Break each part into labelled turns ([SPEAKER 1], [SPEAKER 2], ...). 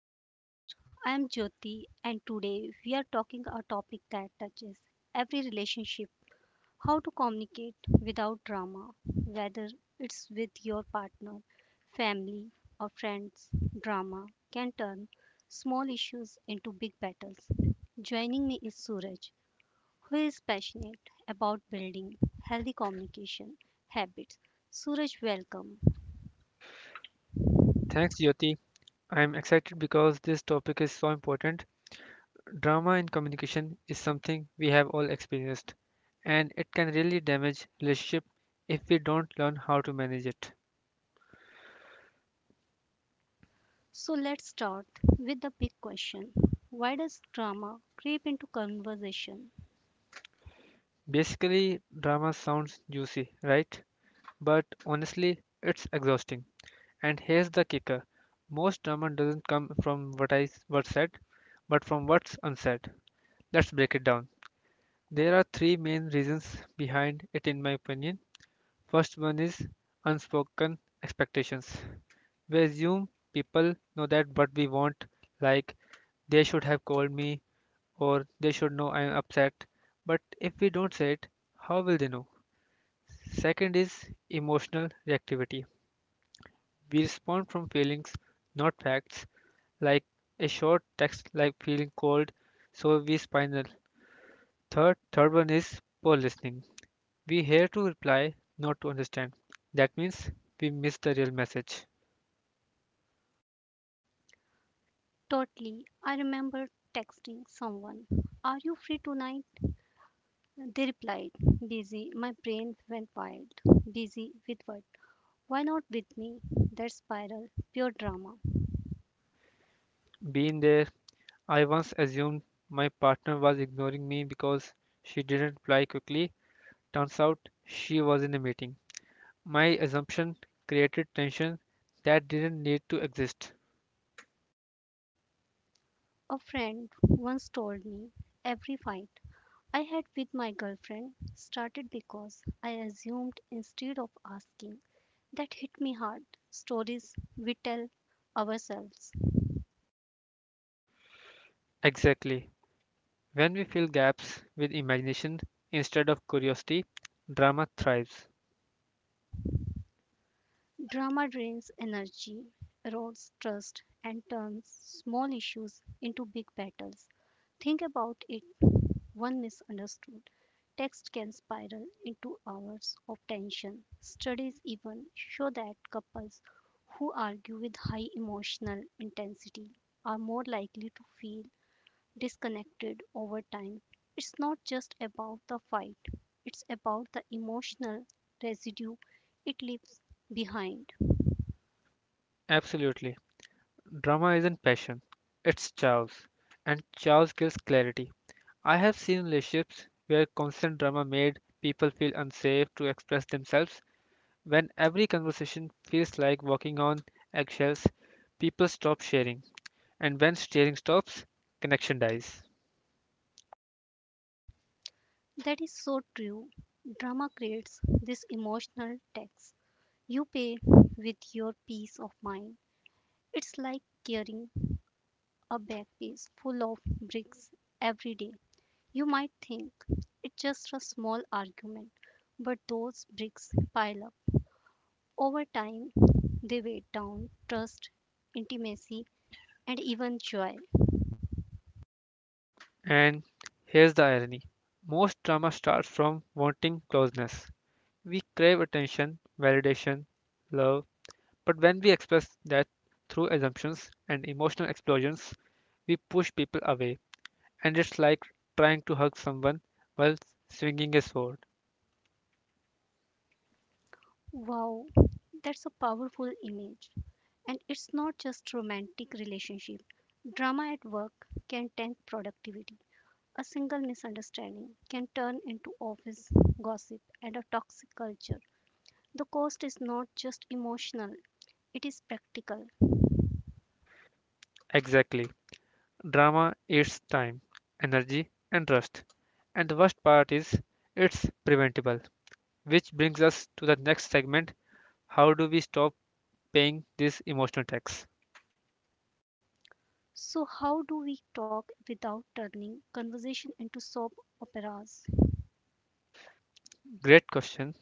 [SPEAKER 1] podcast. I am Jyoti, and today we are talking a topic that touches every relationship, how to communicate without drama, whether it's with your partner, family, or friends. Drama can turn small issues into big battles. Joining me is Suraj, who is passionate about building healthy communication habits. Suraj, welcome.
[SPEAKER 2] Thanks, Jyoti. I am excited because this topic is so important. Drama in communication is something we have all experienced, and it can really damage relationship if we don't learn how to manage it.
[SPEAKER 1] So let's start with the big question. Why does drama creep into conversation?
[SPEAKER 2] Basically, drama sounds juicy, right? But honestly, it's exhausting. And here's the kicker. Most drama doesn't come from what's said, but from what's unsaid. Let's break it down. There are three main reasons behind it in my opinion. First one is unspoken expectations. We assume people know that what we want, like they should have called me or they should know I am upset. But if we don't say it, how will they know? Second is emotional reactivity. We respond from feelings, not facts, like a short text like feeling cold, so we spiral. Third one is poor listening. We hear to reply, not to understand. That means we miss the real message.
[SPEAKER 1] Totally. I remember texting someone, are you free tonight? They replied, busy. My brain went wild. Busy with what? Why not with me? That spiral, pure drama.
[SPEAKER 2] Being there. I once assumed my partner was ignoring me because she didn't reply quickly. Turns out she was in a meeting. My assumption created tension that didn't need to exist.
[SPEAKER 1] A friend once told me, every fight I had with my girlfriend started because I assumed instead of asking. That hit me hard. Stories we tell ourselves.
[SPEAKER 2] Exactly. When we fill gaps with imagination instead of curiosity, drama thrives.
[SPEAKER 1] Drama drains energy, erodes trust, and turns small issues into big battles. Think about it, one misunderstood text can spiral into hours of tension. Studies even show that couples who argue with high emotional intensity are more likely to feel disconnected over time. It's not just about the fight, it's about the emotional residue it leaves behind.
[SPEAKER 2] Absolutely. Drama isn't passion, it's chaos. And chaos kills clarity. I have seen relationships where constant drama made people feel unsafe to express themselves. When every conversation feels like walking on eggshells, people stop sharing. And when sharing stops, connection dies.
[SPEAKER 1] That is so true. Drama creates this emotional tax. You pay with your peace of mind. It's like carrying a backpack full of bricks every day. You might think it's just a small argument, but those bricks pile up. Over time, they weigh down trust, intimacy, and even joy.
[SPEAKER 2] And here's the irony, most drama starts from wanting closeness. We crave attention, validation, love, but when we express that through assumptions and emotional explosions, we push people away. And it's like trying to hug someone while swinging a sword.
[SPEAKER 1] Wow, that's a powerful image. And it's not just romantic relationship. Drama at work can tank productivity. A single misunderstanding can turn into office gossip and a toxic culture. The cost is not just emotional, it is practical.
[SPEAKER 2] Exactly. Drama eats time, energy, and trust. And the worst part is, it's preventable. Which brings us to the next segment: how do we stop paying this emotional tax?
[SPEAKER 1] So, how do we talk without turning conversation into soap operas?
[SPEAKER 2] Great question.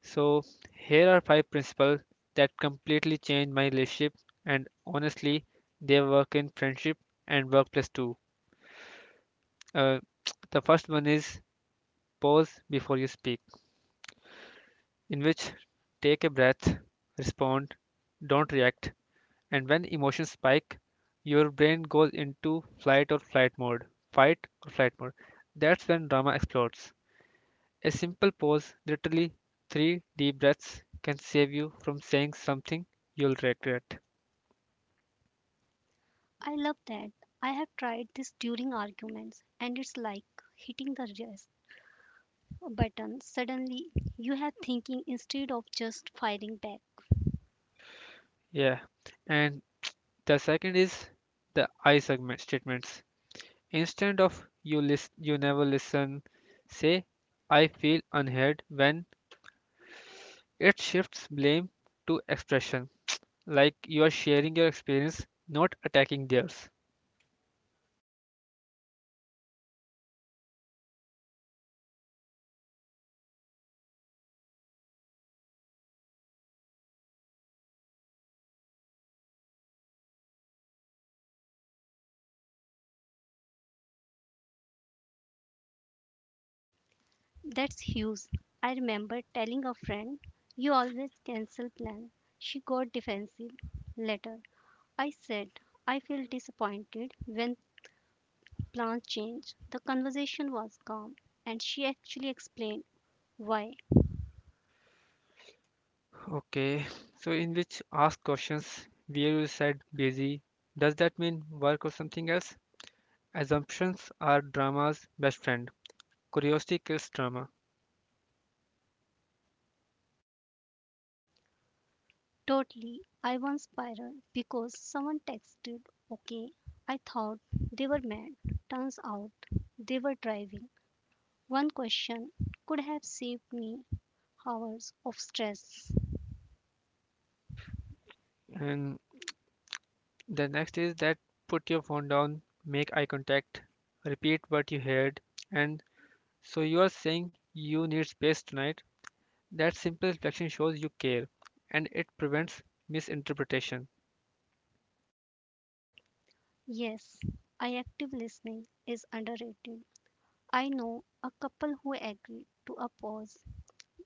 [SPEAKER 2] So, here are five principles that completely changed my relationship, and honestly, they work in friendship and workplace too. Uh, the first one is pause before you speak, in which take a breath, respond, don't react. And when emotions spike, your brain goes into flight or flight mode, fight or flight mode. That's when drama explodes. A simple pause, literally three deep breaths, can save you from saying something you'll regret.
[SPEAKER 1] I love that. I have tried this during arguments, and it's like hitting the rest button. Suddenly, you have thinking instead of just firing back.
[SPEAKER 2] Yeah. And the second is the I segment statements. Instead of you list, you never listen, say I feel unheard when it shifts blame to expression, like you are sharing your experience, not attacking theirs.
[SPEAKER 1] That's huge. I remember telling a friend, you always cancel plans. She got defensive. Later, I said, I feel disappointed when plans change. The conversation was calm, and she actually explained why.
[SPEAKER 2] Okay, so in which ask questions where you said busy, does that mean work or something else? Assumptions are drama's best friend. Curiosity kills drama.
[SPEAKER 1] Totally. I once spiraled because someone texted, okay. I thought they were mad. Turns out they were driving. One question could have saved me hours of stress.
[SPEAKER 2] And the next is that put your phone down, make eye contact, repeat what you heard, and so you are saying you need space tonight. That simple reflection shows you care and it prevents misinterpretation.
[SPEAKER 1] Yes, I active listening is underrated. I know a couple who agreed to a pause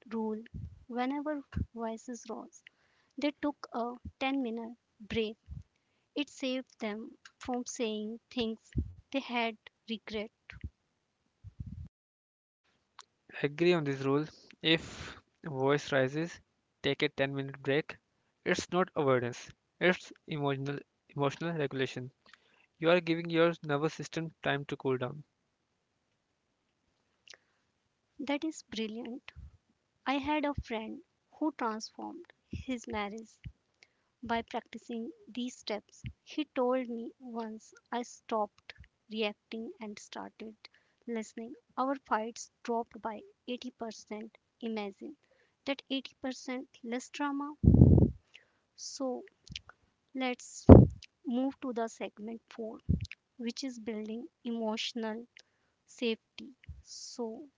[SPEAKER 1] rule whenever voices rose. They took a 10-minute break. It saved them from saying things they had regret.
[SPEAKER 2] Agree on this rule. If voice rises, take a 10-minute break. It's not avoidance, it's emotional regulation. You are giving your nervous system time to cool down.
[SPEAKER 1] That is brilliant. I had a friend who transformed his marriage by practicing these steps. He told me, once I stopped reacting and started listening, our fights dropped by 80%. Imagine that, 80% less drama. So let's move to the segment 4, which is building emotional safety. So,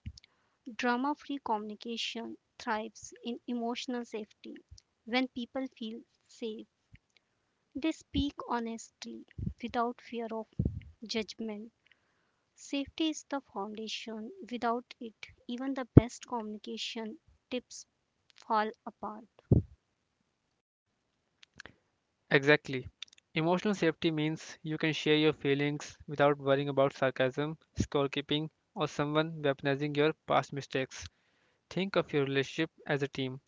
[SPEAKER 1] drama free communication thrives in emotional safety. When people feel safe, they speak honestly without fear of judgment. Safety is the foundation. Without it, even the best communication tips fall apart.
[SPEAKER 2] Exactly. Emotional safety means you can share your feelings without worrying about sarcasm, scorekeeping, or someone weaponizing your past mistakes. Think of your relationship as a team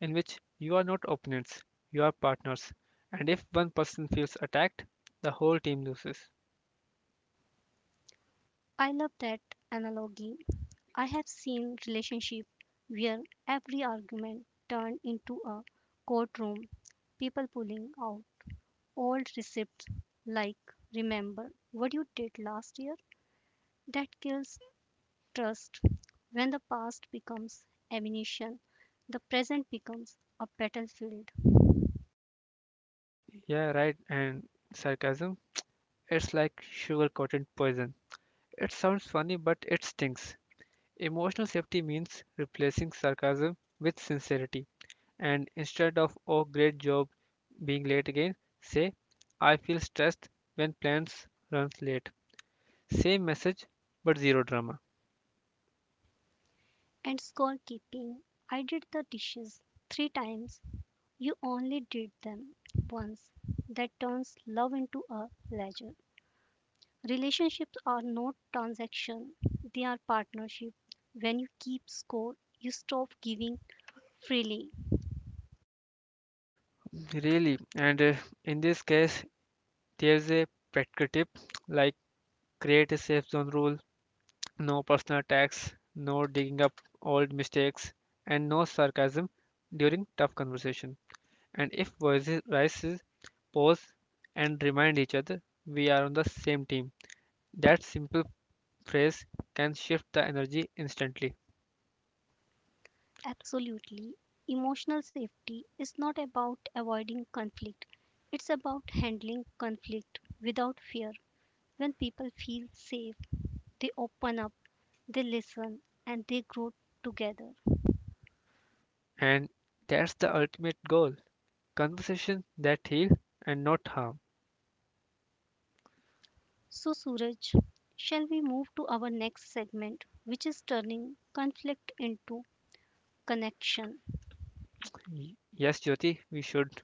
[SPEAKER 2] in which you are not opponents, you are partners. And if one person feels attacked, the whole team loses.
[SPEAKER 1] I love that analogy. I have seen relationships where every argument turned into a courtroom, people pulling out old receipts like, remember what you did last year? That kills trust. When the past becomes ammunition, the present becomes a battlefield.
[SPEAKER 2] Yeah, right. And sarcasm, it's like sugar-coated poison. It sounds funny, but it stinks. Emotional safety means replacing sarcasm with sincerity. And instead of, oh, great job being late again, say, I feel stressed when plans runs late. Same message, but zero drama.
[SPEAKER 1] And scorekeeping, I did the dishes three times, you only did them once, that turns love into a ledger. Relationships are not transactions, they are partnership. When you keep score, you stop giving freely.
[SPEAKER 2] Really. And in this case, there's a practical tip like create a safe zone rule. No personal attacks, no digging up old mistakes, and no sarcasm during tough conversation. And if voices rises, pause and remind each other we are on the same team. That simple phrase can shift the energy instantly.
[SPEAKER 1] Absolutely. Emotional safety is not about avoiding conflict, it's about handling conflict without fear. When people feel safe, they open up, they listen, and they grow together.
[SPEAKER 2] And that's the ultimate goal. Conversation that heal and not harm.
[SPEAKER 1] So, Suraj, shall we move to our next segment, which is turning conflict into connection?
[SPEAKER 2] Yes, Jyoti, we should.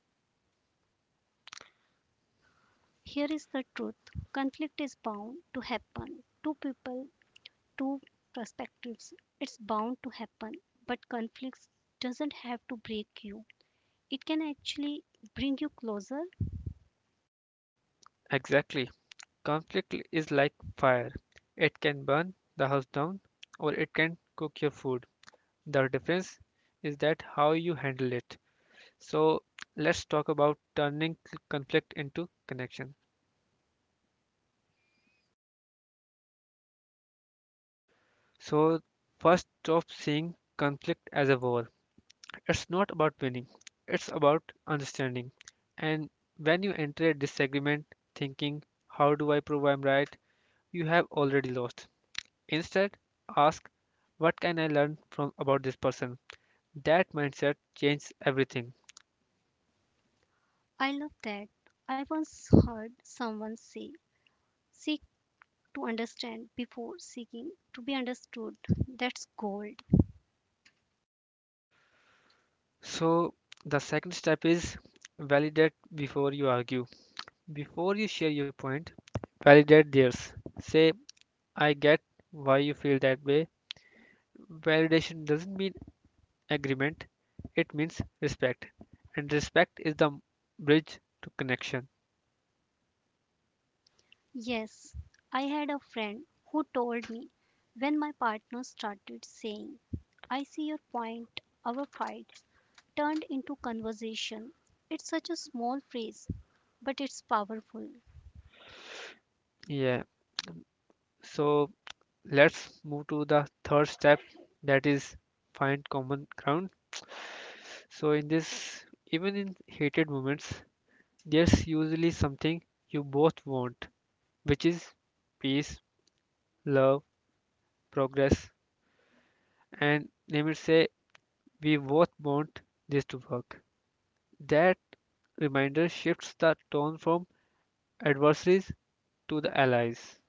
[SPEAKER 1] Here is the truth, conflict is bound to happen. Two people, two perspectives, it's bound to happen. But conflicts doesn't have to break you, it can actually bring you closer.
[SPEAKER 2] Exactly. Conflict is like fire. It can burn the house down or it can cook your food. The difference is that how you handle it. So let's talk about turning conflict into connection. So first stop seeing conflict as a war. It's not about winning. It's about understanding. And when you enter a disagreement thinking how do I prove I'm right, you have already lost. Instead, ask what can I learn from about this person? That mindset changes everything.
[SPEAKER 1] I love that. I once heard someone say, seek to understand before seeking to be understood. That's gold.
[SPEAKER 2] So, the second step is validate before you argue. Before you share your point, validate theirs. Say, I get why you feel that way. Validation doesn't mean agreement, it means respect. And respect is the bridge to connection.
[SPEAKER 1] Yes, I had a friend who told me, when my partner started saying I see your point, our fights turned into conversation. It's such a small phrase, but it's powerful.
[SPEAKER 2] Yeah. So, let's move to the third step that is find common ground. So, in this, even in hated moments, there's usually something you both want, which is peace, love, progress, and let me say we both want this to work. That reminder shifts the tone from adversaries to the allies.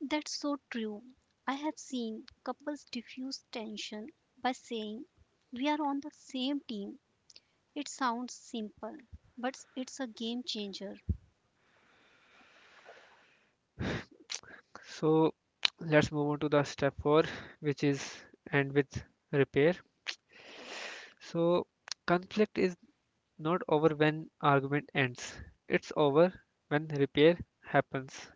[SPEAKER 1] That's so true. I have seen couples diffuse tension by saying, we are on the same team. It sounds simple, but it's a game changer.
[SPEAKER 2] So let's move on to the step four, which is end with repair. So conflict is not over when argument ends. It's over when repair happens.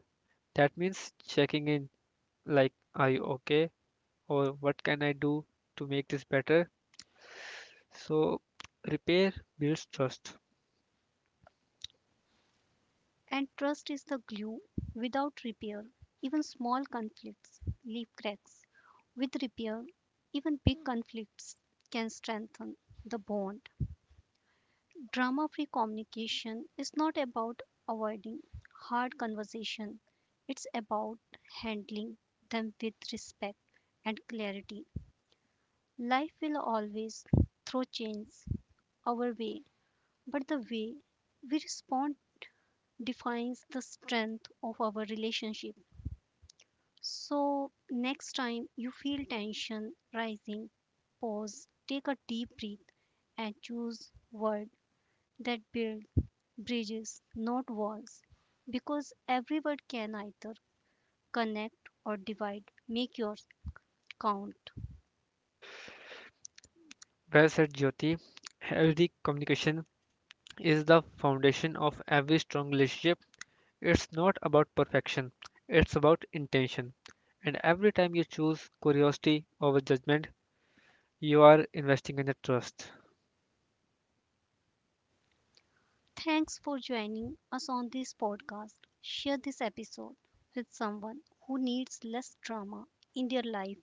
[SPEAKER 2] That means checking in like are you okay or what can I do to make this better, so repair builds trust.
[SPEAKER 1] And trust is the glue. Without repair, even small conflicts leave cracks. With repair, even big conflicts can strengthen the bond. Drama free communication is not about avoiding hard conversation, it's about handling them with respect and clarity. Life will always throw chains our way, but the way we respond defines the strength of our relationship. So, next time you feel tension rising, pause, take a deep breath, and choose word that build bridges, not walls, because every word can either connect or divide. Make yours count.
[SPEAKER 2] Well said, Jyoti. Healthy communication is the foundation of every strong relationship. It's not about perfection, it's about intention. And every time you choose curiosity over judgment, you are investing in the trust.
[SPEAKER 1] Thanks for joining us on this podcast. Share this episode with someone who needs less drama in their life.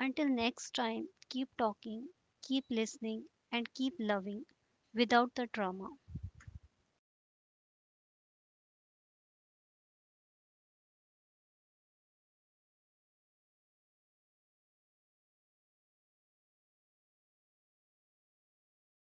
[SPEAKER 1] Until next time, keep talking, keep listening, and keep loving without the drama.